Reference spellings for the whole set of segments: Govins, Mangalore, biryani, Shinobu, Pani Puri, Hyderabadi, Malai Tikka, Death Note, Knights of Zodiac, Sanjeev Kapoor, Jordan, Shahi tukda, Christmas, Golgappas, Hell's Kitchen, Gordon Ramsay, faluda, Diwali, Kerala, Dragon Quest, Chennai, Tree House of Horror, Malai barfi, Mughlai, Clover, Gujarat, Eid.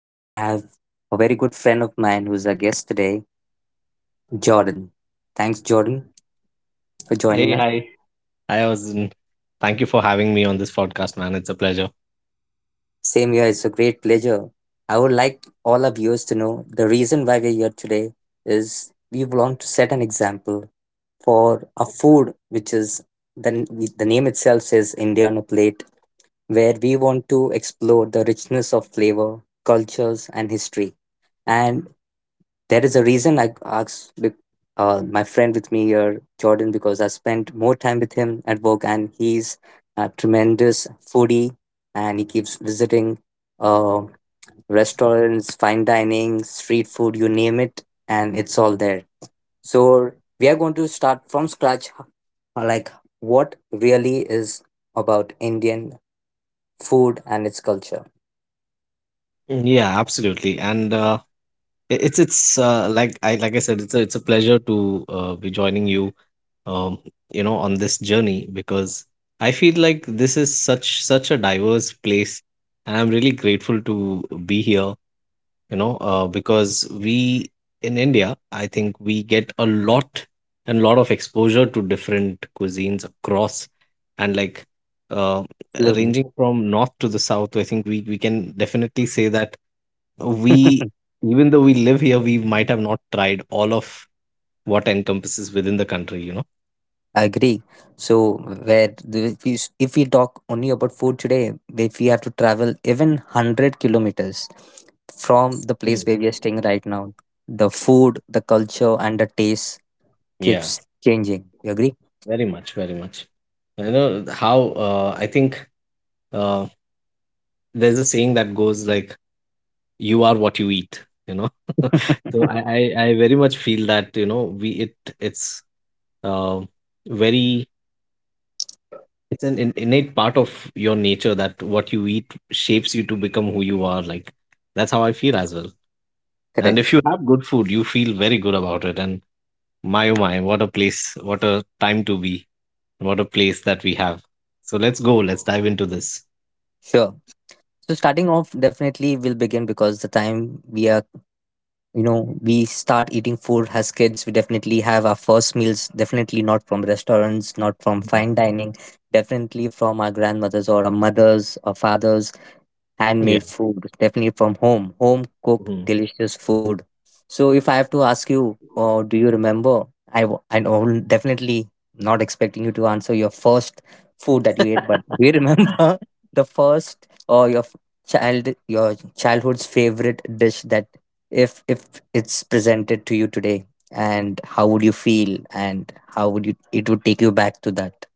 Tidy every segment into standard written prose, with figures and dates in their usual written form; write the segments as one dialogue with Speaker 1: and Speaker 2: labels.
Speaker 1: and have a very good friend of mine who's a guest today, Jordan. Thanks, Jordan, for joining
Speaker 2: Hey,
Speaker 1: us.
Speaker 2: hi. I was in. Thank you for having me on this podcast, man. It's a pleasure.
Speaker 1: Same here, it's a great pleasure. I would like all our viewers to know the reason why we're here today is we want to set an example for a food which is the, the name itself says India on a Plate, where we want to explore the richness of flavor, cultures, and history. And there is a reason my friend with me here, Jordan, because I spent more time with him at work, and he's a tremendous foodie, and he keeps visiting uh, restaurants, fine dining, street food, you name it, and it's all there. So we are going to start from scratch, like what really is about Indian food and its culture.
Speaker 2: Mm, yeah, absolutely. And I- it's Like I said, it's a pleasure to be joining you, um, on this journey because I feel like this is such a diverse place, and I'm really grateful to be here because we in India, I think, we get a lot and lot of exposure to different cuisines across, and like uh,
Speaker 1: Absolutely.
Speaker 2: ranging from north to the south. I think we can definitely say that we, even though we live here, we might have not tried all of what encompasses within the country.
Speaker 1: Agree. So, if if we talk only about food today, if we have to travel even 100 kilometers from the place where we are staying
Speaker 2: Mm.
Speaker 1: right now, the food, the culture, and the taste
Speaker 2: Yeah,
Speaker 1: keeps changing. You agree?
Speaker 2: very much. You know how, I think uh, there's a saying that goes like, you are what you eat. so I, I i very much feel that, you know, we it it's uh, very, it's an innate part of your nature, that what you eat shapes you to become who you are, like that's how I feel as well. And if
Speaker 1: Correct.
Speaker 2: you have good food, you feel very good about it. And my oh my, what a place, what a time to be, what a place that we have. So let's go, let's dive into this.
Speaker 1: Sure. So starting off, definitely we'll begin because the time we are, you know, we start eating food as kids, we definitely have our first meals, definitely not from restaurants, not from
Speaker 2: Mhm.
Speaker 1: fine dining, definitely from our grandmothers or our mothers or fathers,
Speaker 2: yeah
Speaker 1: handmade food, definitely from home, home cooked
Speaker 2: Mhm.
Speaker 1: delicious food. So if I have to ask you, do you remember, I know definitely not expecting you to answer your first food that you ate, but do you remember the first or child your childhood's favorite dish that, if it's presented to you today, and how would you feel, and how would you it would take you back to that.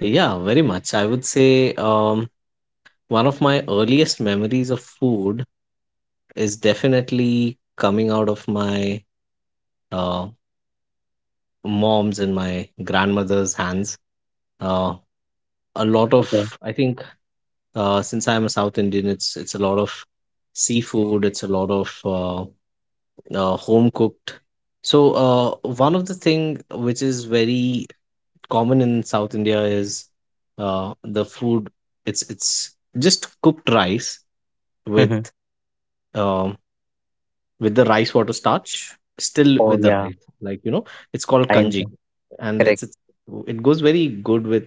Speaker 2: Yeah, very much, I would say. One of my earliest memories of food is definitely coming out of my uh, mom's and my grandmother's hands. Uh, a lot
Speaker 1: Okay.
Speaker 2: of, I think, Since I'm a South Indian, it's a lot of seafood. It's a lot of home cooked. So, one of the thing which is very common in South India is, the food. It's just cooked rice with,
Speaker 1: Mhm.
Speaker 2: um with the rice water starch still
Speaker 1: Oh
Speaker 2: with the
Speaker 1: yeah.
Speaker 2: rice, like you know, it's called
Speaker 1: I am.
Speaker 2: kanji. and it's,
Speaker 1: Correct.
Speaker 2: it's it goes very good with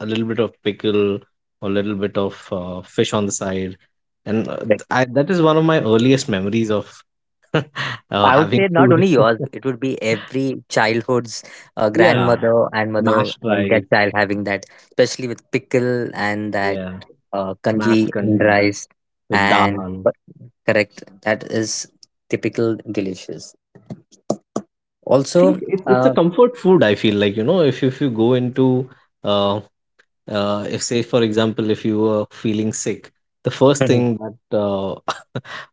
Speaker 2: a little bit of pickle, or a little bit of fish on the side. That is one of my earliest memories of
Speaker 1: I would
Speaker 2: having
Speaker 1: say not
Speaker 2: food.
Speaker 1: only yours, it would be every childhood's
Speaker 2: Yeah,
Speaker 1: grandmother and mother
Speaker 2: mashed
Speaker 1: and their
Speaker 2: rice.
Speaker 1: child having that, especially with pickle and that
Speaker 2: Yeah, mashed
Speaker 1: kanji and
Speaker 2: kanji
Speaker 1: rice.
Speaker 2: with
Speaker 1: And
Speaker 2: dal.
Speaker 1: but- Correct, that is typical delicious.
Speaker 2: And I think
Speaker 1: Also,
Speaker 2: it's a comfort food, I feel like, you know. If you go into, uh, if, say for example, if you were feeling sick, the first thing that,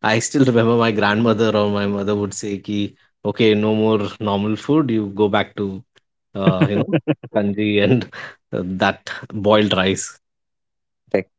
Speaker 2: I still remember my grandmother or my mother would say ki, okay, no more normal food, you go back to, uh, you know kanji, and that boiled rice.
Speaker 1: correct.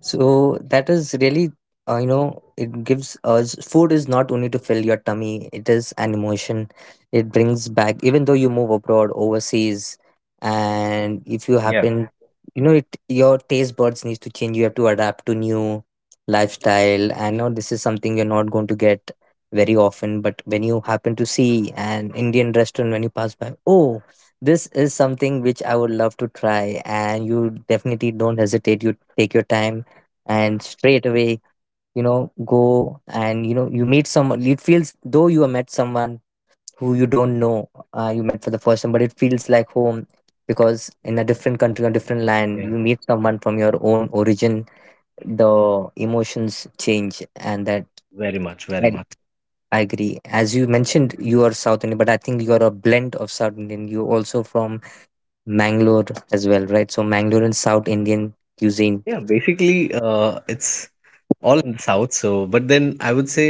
Speaker 1: So that is really, you know, it gives us, food is not only to fill your tummy, it is an emotion. It brings back, even though you move abroad, overseas, and if you
Speaker 2: Yeah.
Speaker 1: happen, you know, it, your taste buds needs to change. You have to adapt to new lifestyle, and now this is something you're not going to get very often. But when you happen to see an Indian restaurant when you pass by, oh, this is something which I would love to try, and you definitely don't hesitate. You take your time and straight away, you know, go and, you know, you meet someone, it feels though you have met someone who you don't know, you met for the first time, but it feels like home, because in a different country or different land
Speaker 2: Yeah,
Speaker 1: you meet someone from your own origin, the emotions change. And that
Speaker 2: very much very
Speaker 1: that
Speaker 2: much
Speaker 1: I agree. As you mentioned, you are South Indian, but I think you are a blend of South Indian. You're also from Mangalore as well, right? So Mangalore and South Indian cuisine.
Speaker 2: Yeah, basically, it's all in the south. So, but then I would say,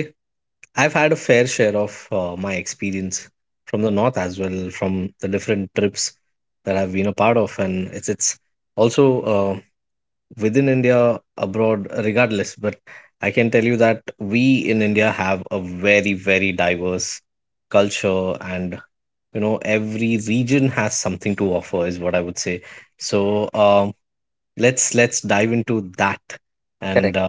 Speaker 2: I've had a fair share of my experience from the north as well, from the different trips that I've been a part of. And it's also uh, within India, abroad, regardless, but I can tell you that we in India have a very very diverse culture. And, you know, every region has something to offer, is what I would say. So, let's dive into that.
Speaker 1: Correct.
Speaker 2: And,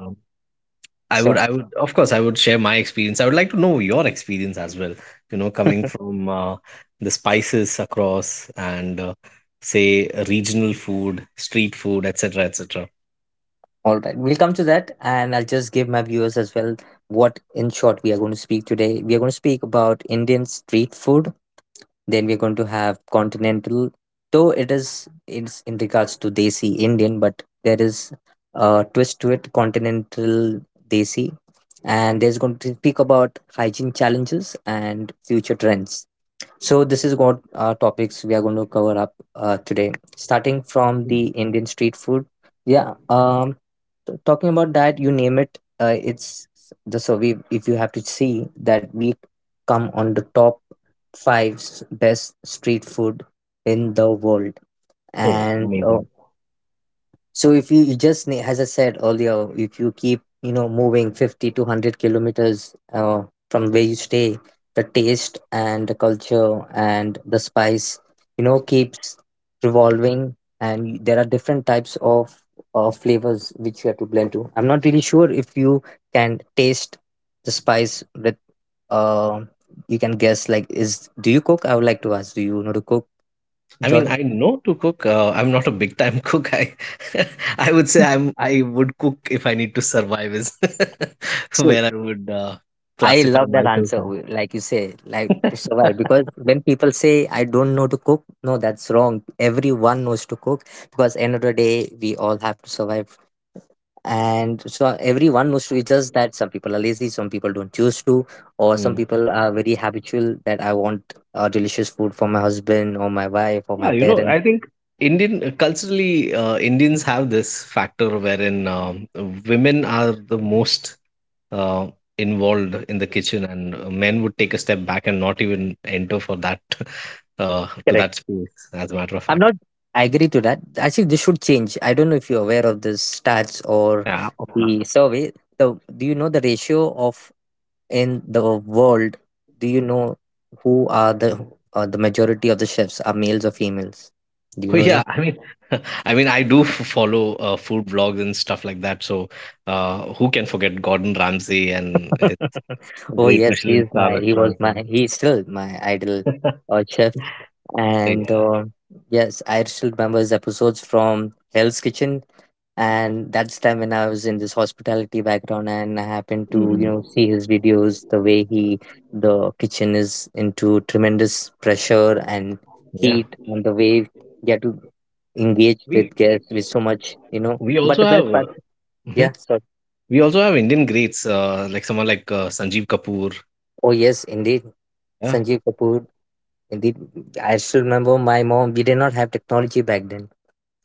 Speaker 1: Sure.
Speaker 2: I would, of course, I would share my experience. I would like to know your experience as well, you know, coming from, the spices across. And, say, regional food, street food, etc., etc.
Speaker 1: All right, we'll come to that, and I'll just give my viewers as well what, in short, we are going to speak today. We are going to speak about Indian street food. Then we're going to have continental, though it's in regards to desi Indian, but there is a twist to it, continental desi, and there's going to speak about hygiene challenges and future trends. So this is what topics we are going to cover up today, starting from the Indian street food. Yeah, talking about that, you name it. It's the, so we, if you have to see that we come on the top five best street food in the world,
Speaker 2: Oh,
Speaker 1: and
Speaker 2: amazing.
Speaker 1: so if you just need, as I said earlier, if you keep, you know, moving 50 to 100 kilometers from where you stay, the taste and the culture and the spice, you know, keeps revolving, and there are different types of flavors which you have to blend to. I'm not really sure if you can taste the spice with. Uh, you can guess, like, is, do you cook? I would like to ask. Do you know to cook,
Speaker 2: I mean,
Speaker 1: Jordan?
Speaker 2: I know to cook. I'm not a big time cook. I, I would say I'm, I would cook if I need to survive, is where I would
Speaker 1: I
Speaker 2: classify
Speaker 1: love that
Speaker 2: myself.
Speaker 1: answer. Like you say, like
Speaker 2: As.
Speaker 1: to survive. Because when people say, I don't know to cook, no, that's wrong. Everyone knows to cook because end of the day, we all have to survive. And so everyone knows to. It's just that some people are lazy, some people don't choose to, or some
Speaker 2: Mm.
Speaker 1: people are very habitual that I want delicious food for my husband or my wife or
Speaker 2: Yeah,
Speaker 1: my
Speaker 2: you know, I
Speaker 1: parents.
Speaker 2: think Indian culturally, Indians have this factor wherein, women are the most uh, involved in the kitchen, and men would take a step back and not even enter for that to
Speaker 1: Correct.
Speaker 2: that space. As a matter of
Speaker 1: I'm
Speaker 2: fact,
Speaker 1: not. I agree to that. Actually, this should change. I don't know if you're aware of this stats or
Speaker 2: yeah, of course.
Speaker 1: the survey. So, do you know the ratio of in the world, do you know who are the majority of the chefs are males or females? Do you
Speaker 2: Oh,
Speaker 1: know
Speaker 2: yeah.
Speaker 1: that?
Speaker 2: I mean, I mean, I do follow food vlogs and stuff like that. So, who can forget Gordon Ramsay and his
Speaker 1: Oh
Speaker 2: great
Speaker 1: yes, he
Speaker 2: Michelin
Speaker 1: is
Speaker 2: star
Speaker 1: my he was
Speaker 2: restaurants?
Speaker 1: my he's still my idol
Speaker 2: Uh,
Speaker 1: chef. And
Speaker 2: Yeah.
Speaker 1: yes, I still remember his episodes from Hell's Kitchen, and that's time when I was in this hospitality background and I happened to, you
Speaker 2: Mhm.
Speaker 1: know, see his videos, the way he, the kitchen is into tremendous pressure and
Speaker 2: Yeah.
Speaker 1: heat, and the way you have to engaged
Speaker 2: We
Speaker 1: with guests with so much, you know.
Speaker 2: We
Speaker 1: But
Speaker 2: also
Speaker 1: the
Speaker 2: have
Speaker 1: best
Speaker 2: uh,
Speaker 1: part,
Speaker 2: hmm
Speaker 1: yeah, so
Speaker 2: we also have Indian greats, like someone like, Sanjeev Kapoor.
Speaker 1: oh yes, indeed,
Speaker 2: Yeah.
Speaker 1: Sanjeev Kapoor. Indeed, I still remember my mom. We did not have technology back then.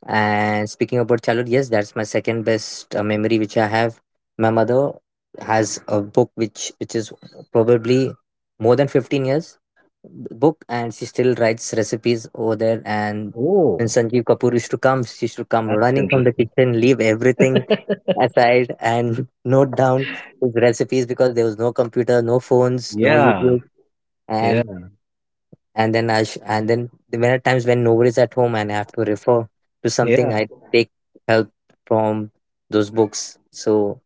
Speaker 1: And speaking about childhood, yes, that's my second best memory which I have. My mother has a book which is probably more than 15 years book, and she still writes recipes over there. And when
Speaker 2: Oh,
Speaker 1: Sanjeev Kapoor used to come, she used to come
Speaker 2: that's
Speaker 1: running from the
Speaker 2: interesting.
Speaker 1: kitchen, leave everything aside and note down his recipes because there was no computer, no phones, no
Speaker 2: Yeah.
Speaker 1: YouTube, and
Speaker 2: Yeah.
Speaker 1: and then the many times when nobody's at home and I have to refer to something,
Speaker 2: Yeah.
Speaker 1: I take help from those books. So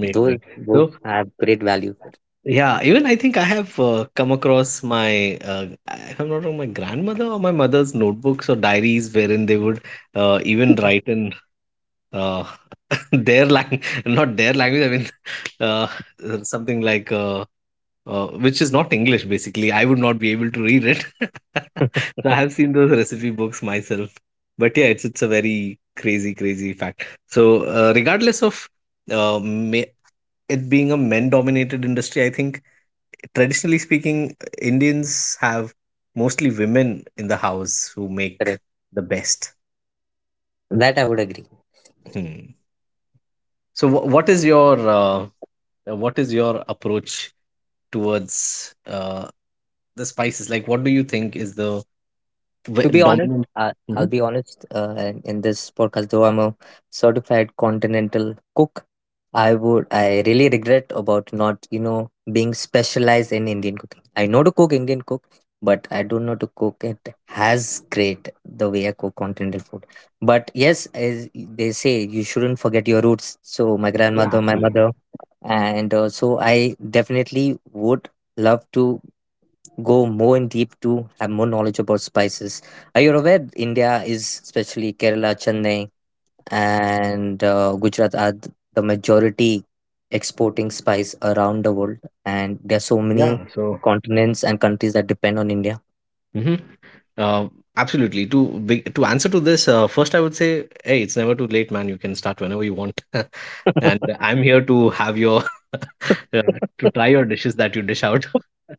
Speaker 1: those
Speaker 2: So
Speaker 1: books have great value.
Speaker 2: yeah, even I think I have come across my, if I'm not wrong, my grandmother or my mother's notebooks or diaries, wherein they would even write in, uh, their language, not their language. I mean, Something like. Which is not English, basically. I would not be able to read it. So I have seen those recipe books myself. But yeah, it's a very crazy, crazy fact. So, regardless of, uh, ma- it being a men-dominated industry, I think traditionally speaking, Indians have mostly women in the house who make
Speaker 1: Correct.
Speaker 2: the best.
Speaker 1: That I would agree.
Speaker 2: Hmm. So what is your, what is your approach towards, the spices? Like, what do you think is the
Speaker 1: To be honest,
Speaker 2: dominant.
Speaker 1: I'll
Speaker 2: Mhm.
Speaker 1: be honest, in this podcast, though I'm a certified continental cook, I really regret about not, you know, being specialized in Indian cooking. I know to cook Indian cook, but I don't know to cook it as great the way I cook continental food. But yes, as they say, you shouldn't forget your roots. So my
Speaker 2: Yeah,
Speaker 1: grandmother, my
Speaker 2: absolutely.
Speaker 1: mother, and so I definitely would love to go more in deep to have more knowledge about spices. Are you aware India is especially Kerala, Chennai, and Gujarat are the majority exporting spice around the world, and there are so many
Speaker 2: Yeah. So.
Speaker 1: continents and countries that depend on India.
Speaker 2: Mm-hmm. Uh, Absolutely. To answer to this, first I would say, hey, it's never too late, man. You can start whenever you want, and I'm here to have your uh, to try your dishes that you dish out.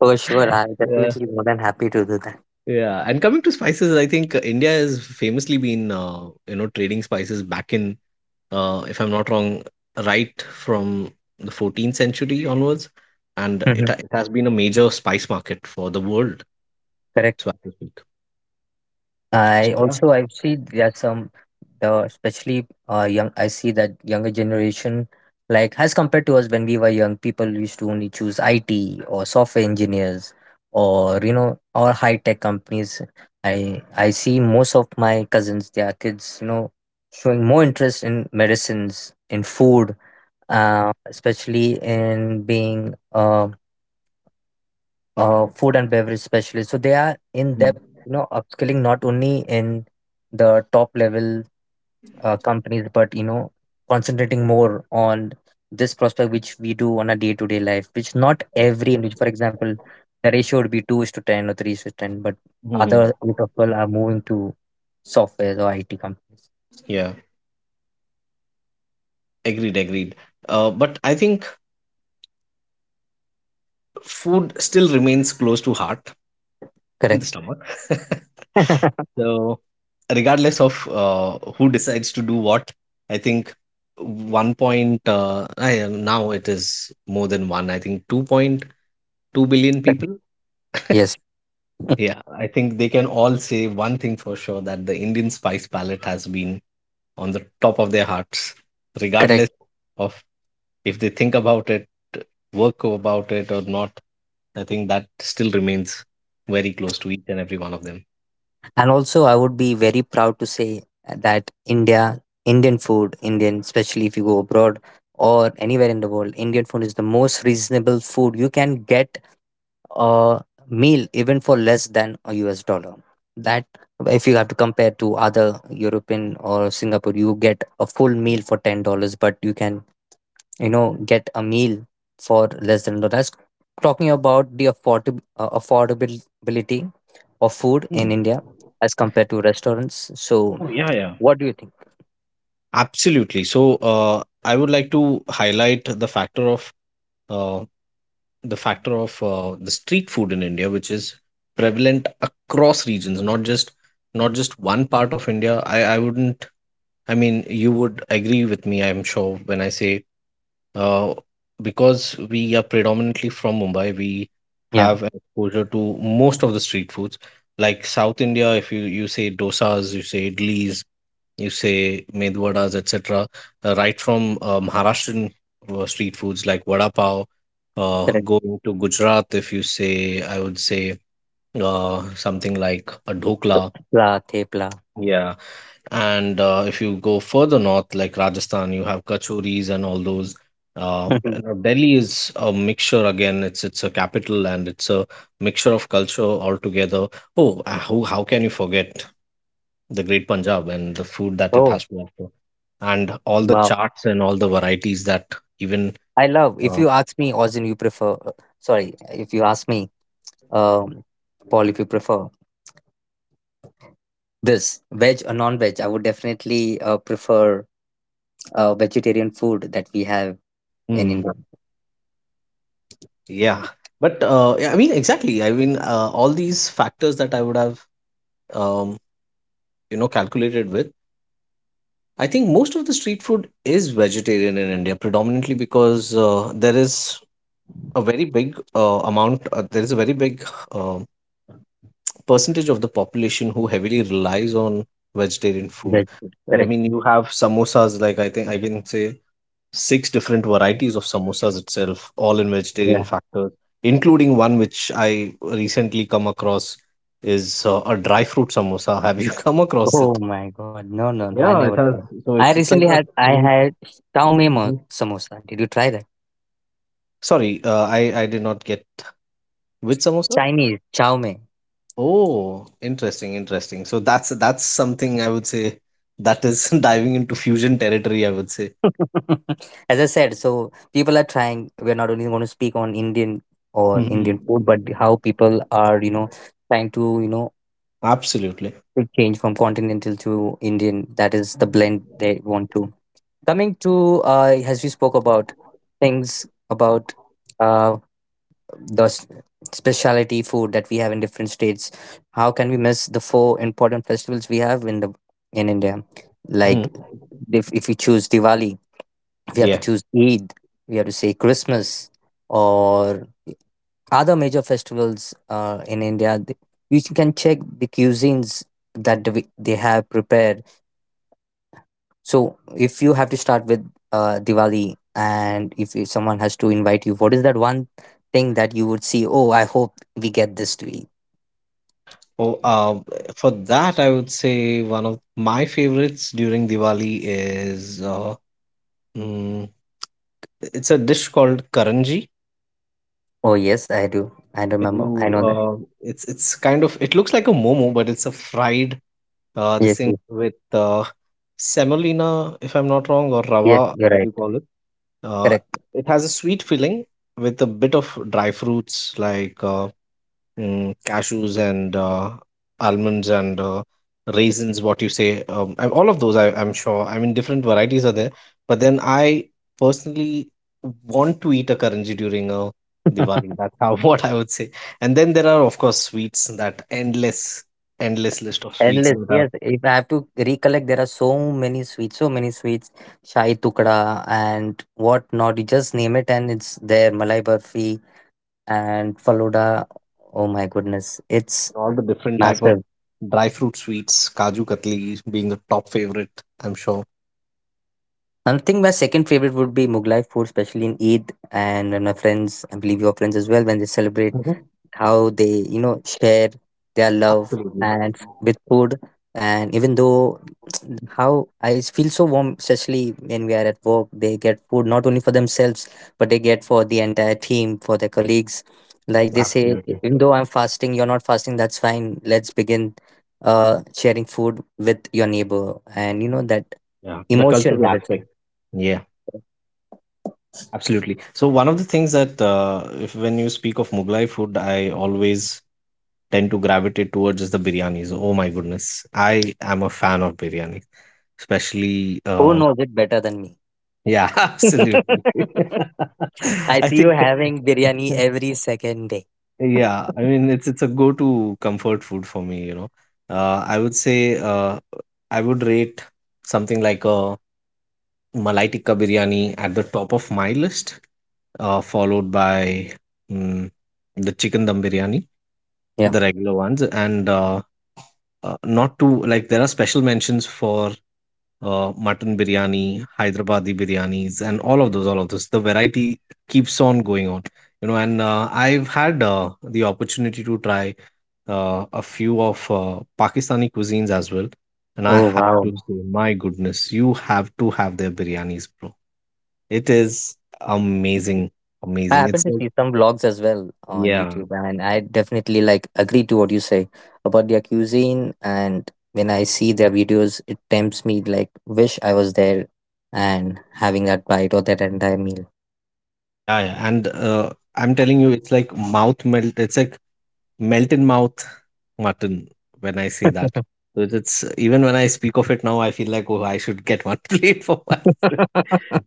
Speaker 1: For sure, I
Speaker 2: Yeah,
Speaker 1: definitely more than happy to do that.
Speaker 2: yeah. And coming to spices, I think, India has famously been, you know, trading spices back in, if I'm not wrong, right from the 14th century onwards, and it ha-
Speaker 1: Mhm.
Speaker 2: it has been a major spice market for the world,
Speaker 1: Correct.
Speaker 2: so as to speak. So,
Speaker 1: I
Speaker 2: yeah.
Speaker 1: also I see that some the especially young, I see that younger generation, like as compared to us when we were young, people used to only choose IT or software engineers, or you know, or high tech companies. I see most of my cousins, their kids, you know, showing more interest in medicines, in food, especially in being a food and beverage specialists. So they are in depth, you know, upskilling not only in the top level companies, but you know, concentrating more on this prospect which we do on a day to day life, which not every individual. For example, the ratio would be two is to ten or three is to ten, but
Speaker 2: Mm-hmm.
Speaker 1: other group of people are moving to software or IT companies.
Speaker 2: Yeah, agreed. But I think food still remains close to heart in the
Speaker 1: Correct.
Speaker 2: stomach. So, regardless of who decides to do what, I think one point, now it is more than one, I think 2.2 billion
Speaker 1: Correct.
Speaker 2: people.
Speaker 1: Yes.
Speaker 2: Yeah, I think they can all say one thing for sure, that the Indian spice palette has been on the top of their hearts,
Speaker 1: Correct.
Speaker 2: regardless of, if they think about it, work about it or not. I think that still remains very close to each and every one of them.
Speaker 1: And also, I would be very proud to say that India, Indian food, Indian, especially if you go abroad or anywhere in the world, Indian food is the most reasonable food. You can get a meal even for less than a US dollar. That, if you have to compare to other European or Singapore, you get a full meal for $10, but you can, you know, get a meal for less than dollars, talking about the affordability of food
Speaker 2: Hmm.
Speaker 1: in India as compared to restaurants. So,
Speaker 2: Oh, yeah, yeah.
Speaker 1: what do you think?
Speaker 2: Absolutely. So, I would like to highlight the factor of, uh, the street food in India, which is prevalent across regions, not just one part of India. I wouldn't. I mean, you would agree with me, I'm sure, when I say, uh, because we are predominantly from Mumbai, we
Speaker 1: Yeah,
Speaker 2: have an exposure to most of the street foods. Like South India, if you say dosas, you say idlis, you say med vadas, etc., right from Maharashtrian street foods like vada pav,
Speaker 1: correct.
Speaker 2: going to Gujarat, if you say, I would say, something like a dhokla.
Speaker 1: Pla, thepla.
Speaker 2: Yeah. And if you go further north, like Rajasthan, you have kachoris and all those. And now Delhi is a mixture again. It's a capital and it's a mixture of culture altogether. Oh, how can you forget the Great Punjab and the food that it
Speaker 1: Oh,
Speaker 2: has to offer, and all the
Speaker 1: wow.
Speaker 2: charts and all the varieties that even.
Speaker 1: I love. If
Speaker 2: Uh,
Speaker 1: you ask me, Ozin, you prefer. Sorry, if you ask me, um, Paul, if you prefer this veg or non-veg, I would definitely prefer vegetarian food that we have in
Speaker 2: mm,
Speaker 1: India.
Speaker 2: yeah, but yeah, I mean, exactly. I mean, all these factors that I would have, um, you know, calculated with. I think most of the street food is vegetarian in India, predominantly because, there is a very big amount. There is a very big uh, percentage of the population who heavily relies on vegetarian food.
Speaker 1: Veg food,
Speaker 2: I
Speaker 1: correct.
Speaker 2: mean, you have samosas, like I think I can say six different varieties of samosas itself, all in vegetarian
Speaker 1: Yeah.
Speaker 2: factors, including one which I recently come across is, a dry fruit samosa. Have you come across it?
Speaker 1: Oh my God. No, no, no. I
Speaker 2: Yeah, it
Speaker 1: never
Speaker 2: has.
Speaker 1: tried.
Speaker 2: So
Speaker 1: I
Speaker 2: it's like
Speaker 1: recently
Speaker 2: a
Speaker 1: had. I
Speaker 2: sweet.
Speaker 1: had chow
Speaker 2: Mhm.
Speaker 1: samosa. Did you try that?
Speaker 2: Sorry, I did not get which samosa.
Speaker 1: Chinese chow mein.
Speaker 2: Oh, interesting, interesting. So that's something I would say that is diving into fusion territory, I would say.
Speaker 1: As I said, so people are trying. We're not only going to speak on Indian or Indian food, but
Speaker 2: Mhm.
Speaker 1: how people are, trying to,
Speaker 2: Absolutely.
Speaker 1: to change from continental to Indian. That is the blend they want to. Coming to, as we spoke about things about uh, the s- specialty food that we have in different states. How can we miss the four important festivals we have in the in India? Like
Speaker 2: Mhm.
Speaker 1: if we choose Diwali, we have to
Speaker 2: Yeah.
Speaker 1: choose Eid, we have to say Christmas or other major festivals in India. You can check the cuisines that they have prepared. So if you have to start with Diwali, and if you- someone has to invite you, what is that one thing that you would see? Oh, I hope we get this to eat.
Speaker 2: Oh, for that, I would say one of my favorites during Diwali is, mm, it's a dish called karanji.
Speaker 1: Oh, yes, I do. I remember. I
Speaker 2: You,
Speaker 1: know that.
Speaker 2: It's kind of, it looks like a momo, but it's a fried, this
Speaker 1: Yes,
Speaker 2: thing
Speaker 1: yes,
Speaker 2: with, semolina, if I'm not wrong, or
Speaker 1: yes,
Speaker 2: rava
Speaker 1: you're
Speaker 2: as
Speaker 1: right.
Speaker 2: you call it. Uh,
Speaker 1: Correct.
Speaker 2: it has a sweet filling with a bit of dry fruits like, cashews, and almonds, and raisins, what you say. All of those, I'm sure. I mean, different varieties are there, but then I personally want to eat a karanji during a Diwali, that's how what I would say. And then there are, of course, sweets, that endless endless list of sweets
Speaker 1: Endless,
Speaker 2: that are
Speaker 1: yes. If I have to recollect, there are so many sweets, so many sweets. Shahi tukda and whatnot. You just name it, and it's there. Malai barfi and faluda. Oh my goodness, it's
Speaker 2: all the different type of
Speaker 1: massive.
Speaker 2: dry fruit sweets, kaju katli being the top favorite, I'm sure.
Speaker 1: I think my second favorite would be Mughlai food, especially in Eid. And when my friends, I believe your friends as well, when they celebrate,
Speaker 2: Mhm.
Speaker 1: how they, share their love
Speaker 2: Absolutely,
Speaker 1: and with food. And even though how I feel so warm, especially when we are at work, they get food not only for themselves, but they get for the entire team, for their colleagues. Like they say, "E-
Speaker 2: absolutely.
Speaker 1: "even though I'm fasting, you're not fasting, that's fine, let's begin sharing food with your neighbor." And you know that
Speaker 2: Yeah, the
Speaker 1: emotion
Speaker 2: cultural
Speaker 1: has a thing.
Speaker 2: aspect. Yeah, absolutely. So one of the things that if when you speak of Mughlai food, I always tend to gravitate towards is the biryanis. Oh my goodness, I am a fan of biryani, especially.
Speaker 1: Who knows it better than me?
Speaker 2: Yeah, absolutely.
Speaker 1: I
Speaker 2: I
Speaker 1: see you
Speaker 2: think
Speaker 1: having biryani every second day.
Speaker 2: yeah, I mean it's a go-to comfort food for me. You know, I would say I would rate something like a Malai Tikka biryani at the top of my list. Followed by mm, the chicken dum biryani,
Speaker 1: Yeah.
Speaker 2: the regular ones, and not to like there are special mentions for mutton biryani, Hyderabadi biryanis, and all of those, all of those. The variety keeps on going on, you know. And I've had the opportunity to try a few of Pakistani cuisines as well, and I
Speaker 1: Oh
Speaker 2: have
Speaker 1: wow.
Speaker 2: to say, my goodness, you have to have their biryanis, bro. It is amazing,
Speaker 1: I
Speaker 2: amazing.
Speaker 1: happen
Speaker 2: It's
Speaker 1: to
Speaker 2: like
Speaker 1: see some vlogs as well on
Speaker 2: yeah.
Speaker 1: YouTube, and I definitely like agree to what you say about their cuisine. And when I see their videos, it tempts me like wish I was there and having that bite or that entire meal.
Speaker 2: Yeah, yeah. And I'm telling you, it's like mouth melt. It's like melt in mouth mutton when I say that. So it's even when I speak of it now, I feel like, oh, I should get one plate for myself.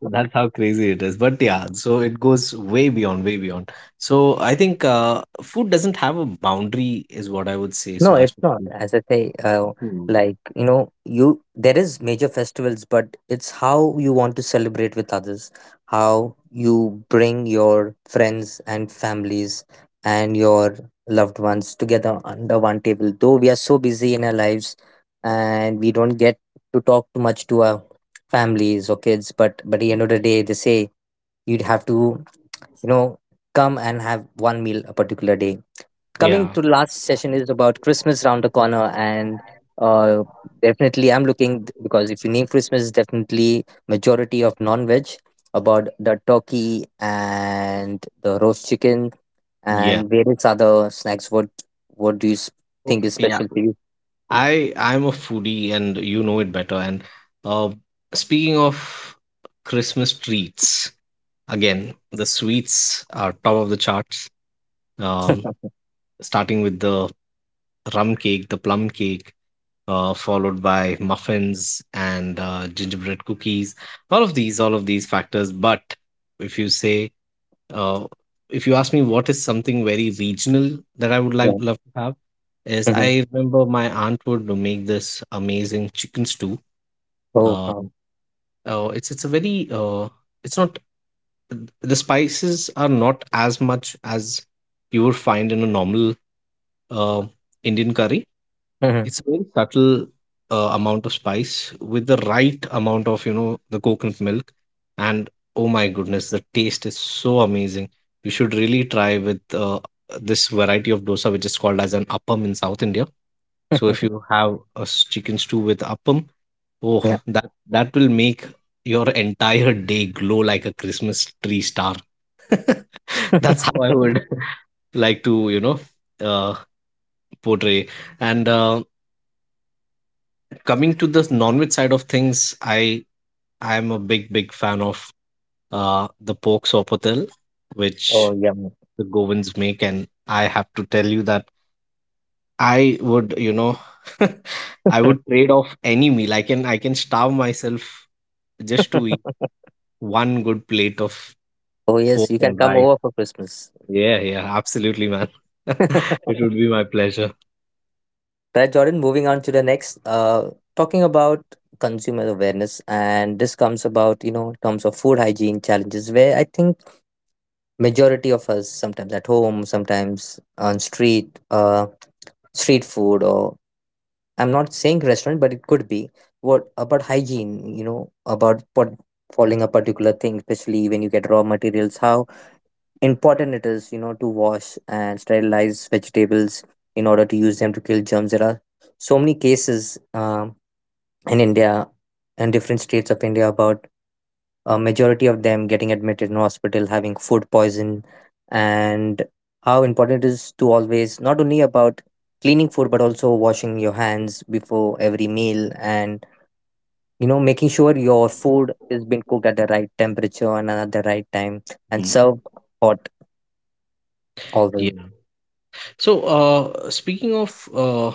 Speaker 2: So that's how crazy it is. But yeah, so it goes way beyond, way beyond. So I think food doesn't have a boundary, is what I would say.
Speaker 1: No,
Speaker 2: So as
Speaker 1: it's
Speaker 2: to
Speaker 1: not. As I say,
Speaker 2: hmm,
Speaker 1: like you know, you there is major festivals, but it's how you want to celebrate with others, how you bring your friends and families and your loved ones together under one table. Though we are so busy in our lives, and we don't get to talk too much to our families or kids, but at the end of the day, they say you'd have to, you know, come and have one meal a particular day. Coming
Speaker 2: yeah,
Speaker 1: to the last session is about Christmas round the corner, and uh, definitely I'm looking, because if you name Christmas, definitely majority of non-veg, about the turkey and the roast chicken
Speaker 2: yeah.
Speaker 1: and various other snacks. What do you
Speaker 2: Oh,
Speaker 1: think is
Speaker 2: yeah.
Speaker 1: special for you?
Speaker 2: I'm a foodie and you know it better. And uh, speaking of Christmas treats, again, the sweets are top of the charts. Um, Starting with the rum cake, the plum cake, followed by muffins and gingerbread cookies. All of these factors. But if you say, uh, if you ask me what is something very regional that I would like
Speaker 1: Yeah.
Speaker 2: love to have, yes,
Speaker 1: Hmm.
Speaker 2: I remember my aunt would make this amazing chicken stew.
Speaker 1: Oh
Speaker 2: Um,
Speaker 1: wow.
Speaker 2: oh, it's a very it's not the spices are not as much as you would find in a normal uh, Indian curry.
Speaker 1: Mhm.
Speaker 2: It's a very subtle amount of spice with the right amount of you know the coconut milk, and oh my goodness, the taste is so amazing. You should really try with this variety of dosa, which is called as an appam in South India. So if you have chicken stew with appam, oh,
Speaker 1: Yeah.
Speaker 2: that will make your entire day glow like a Christmas tree star. That's how I would like to, you know, uh, portray. And coming to the non-veg side of things, I am a big big fan of the pork sopotel,
Speaker 1: Oh
Speaker 2: which
Speaker 1: yum.
Speaker 2: the Govins make, and I have to tell you that I would, you know, I would trade off any meal. I can starve myself just to eat one good plate of
Speaker 1: Oh
Speaker 2: pork
Speaker 1: yes, you can
Speaker 2: and
Speaker 1: come
Speaker 2: rice.
Speaker 1: over for Christmas.
Speaker 2: Yeah, yeah, absolutely, man. It would be my pleasure.
Speaker 1: Right, Jordan, moving on to the next, talking about consumer awareness. And this comes about, you know, in terms of food hygiene challenges, where I think majority of us, sometimes at home, sometimes on street, street food, or I'm not saying restaurant, but it could be, what about hygiene, you know, about what, following a particular thing, especially when you get raw materials, how important it is, you know, to wash and sterilize vegetables in order to use them to kill germs. There are so many cases um in India and different states of India, about a majority of them getting admitted in hospital, having food poison, and how important it is to always, not only about cleaning food, but also washing your hands before every meal. And you know, making sure your food is been cooked at the right temperature and at the right time, and
Speaker 2: Mm.
Speaker 1: served hot always.
Speaker 2: Yeah. So, speaking of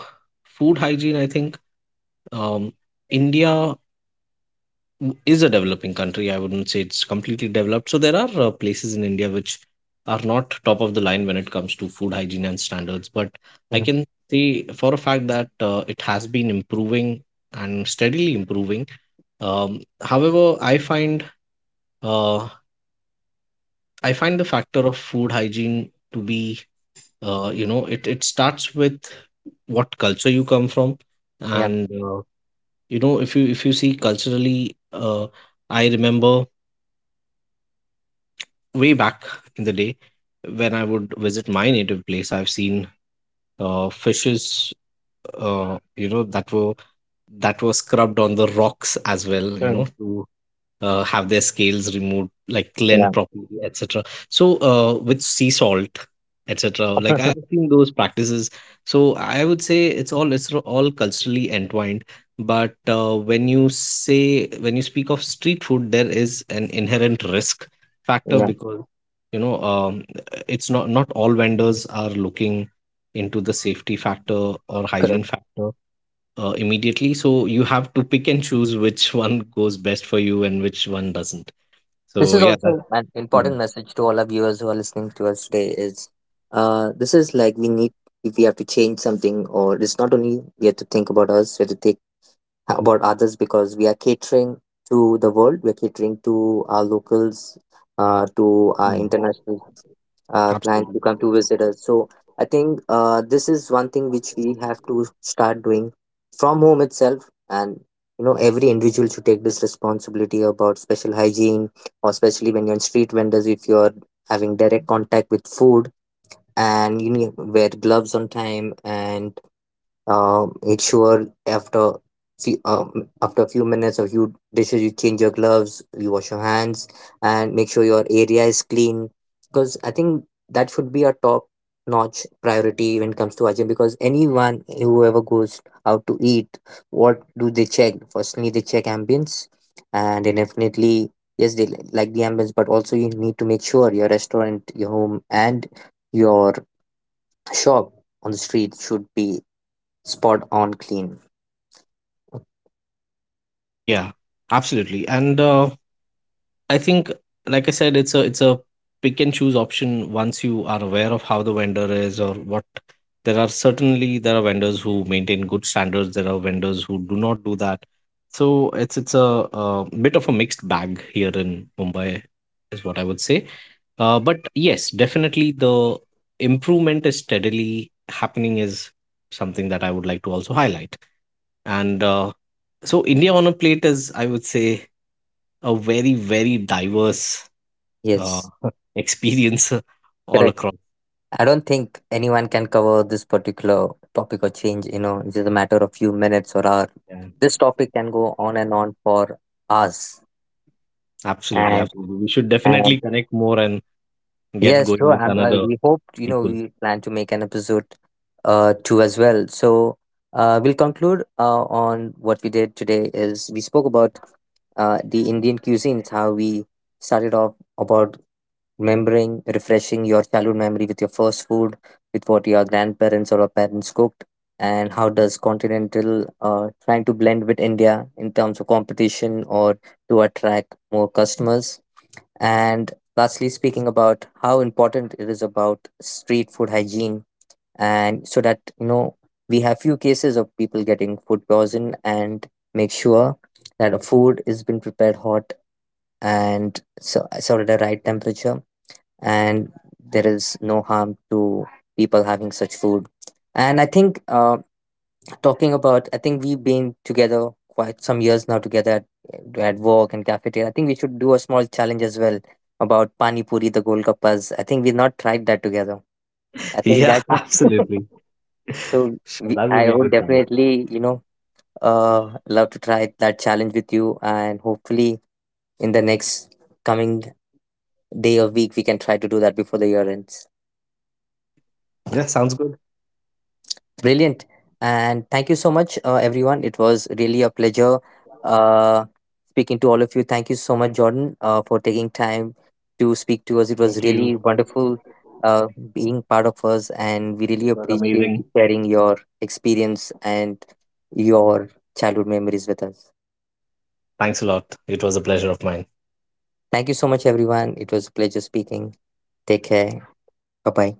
Speaker 2: food hygiene, I think um, India is a developing country. I wouldn't say it's completely developed. So there are places in India which are not top of the line when it comes to food hygiene and standards. But I
Speaker 1: Mhm.
Speaker 2: can say for a fact that it has been improving and steadily improving. However, uh, I find the factor of food hygiene to be you know it starts with what culture you come from,
Speaker 1: Yeah.
Speaker 2: and you know if you see culturally, I remember way back in the day when I would visit my native place, I've seen fishes, you know, that were scrubbed on the rocks as well, you know,
Speaker 1: Mm,
Speaker 2: to have their scales removed, like cleaned
Speaker 1: yeah.
Speaker 2: properly, etc. So with sea salt, etc. Like I've seen those practices. So I would say it's all culturally entwined. But when you say when you speak of street food, there is an inherent risk factor
Speaker 1: Yeah.
Speaker 2: because you know it's not all vendors are looking into the safety factor or hygiene
Speaker 1: Correct.
Speaker 2: factor immediately. So you have to pick and choose which one goes best for you and which one doesn't.
Speaker 1: This
Speaker 2: So
Speaker 1: is
Speaker 2: yeah, that.
Speaker 1: also an
Speaker 2: Mhm.
Speaker 1: important message to all our viewers who are listening to us today is, this is like, we need, if we have to change something, or it's not only we have to think about us, we have to think about others, because we are catering to the world, we're catering to our locals, to our
Speaker 2: Mm.
Speaker 1: international clients
Speaker 2: Absolutely.
Speaker 1: who come to visit us. So I think this is one thing which we have to start doing from home itself. And you know, every individual should take this responsibility about special hygiene, or especially when you're in street vendors, if you're having direct contact with food, and you need wear gloves on time. And make sure after after a few minutes or few dishes, you change your gloves, you wash your hands, and make sure your area is clean. Because I think that should be a top notch priority when it comes to hygiene, because anyone whoever goes out to eat, what do they check firstly? They check ambience, and then definitely, yes, they like the ambience, but also you need to make sure your restaurant, your home, and your shop on the street should be spot on clean.
Speaker 2: Yeah, absolutely. And I think, like I said, it's a pick and choose option once you are aware of how the vendor is or what. There are certainly there are vendors who maintain good standards. There are vendors who do not do that. So it's a, bit of a mixed bag here in Mumbai, is what I would say. But yes, definitely the improvement is steadily happening is something that I would like to also highlight. And so India on a plate is, I would say, a very, very diverse uh,
Speaker 1: Yes,
Speaker 2: experience all
Speaker 1: correct.
Speaker 2: across.
Speaker 1: I don't think anyone can cover this particular topic or change, you know, it's just a matter of few minutes or hour.
Speaker 2: Yeah,
Speaker 1: This topic can go on and on for hours.
Speaker 2: absolutely,
Speaker 1: And
Speaker 2: absolutely. We should
Speaker 1: and
Speaker 2: definitely connect more and get
Speaker 1: Yes,
Speaker 2: going
Speaker 1: sure.
Speaker 2: with
Speaker 1: And
Speaker 2: another
Speaker 1: we hope, you know,
Speaker 2: sequel.
Speaker 1: we plan to make an episode two as well. So we'll conclude on what we did today is, we spoke about the Indian cuisine. It's how we started off about remembering, refreshing your childhood memory with your first food, with what your grandparents or your parents cooked, and how does continental trying to blend with India in terms of competition or to attract more customers. And lastly, speaking about how important it is about street food hygiene, and so that you know, we have few cases of people getting food poison, and make sure that a food is been prepared hot and so sort of the right temperature, and there is no harm to people having such food. And I think talking about, I think we've been together quite some years now together at work and cafeteria. I think we should do a small challenge as well about Pani Puri, the Golgappas. I think we've not tried that together. I think
Speaker 2: Yeah,
Speaker 1: that
Speaker 2: absolutely.
Speaker 1: so
Speaker 2: So
Speaker 1: we,
Speaker 2: that would
Speaker 1: I
Speaker 2: be a
Speaker 1: would
Speaker 2: good challenge.
Speaker 1: definitely, you know, love to try that challenge with you, and hopefully in the next coming day or week we can try to do that before the year ends.
Speaker 2: Yeah, sounds good.
Speaker 1: Brilliant. And thank you so much, everyone. It was really a pleasure uh, speaking to all of you. Thank you so much, Jordan, for taking time to speak to us. It was
Speaker 2: Thank
Speaker 1: really
Speaker 2: you.
Speaker 1: wonderful uh, being part of us, and we really
Speaker 2: It was
Speaker 1: appreciate
Speaker 2: amazing.
Speaker 1: you sharing your experience and your childhood memories with us.
Speaker 2: Thanks a lot. It was a pleasure of mine.
Speaker 1: Thank you so much, everyone. It was a pleasure speaking. Take care. Bye bye.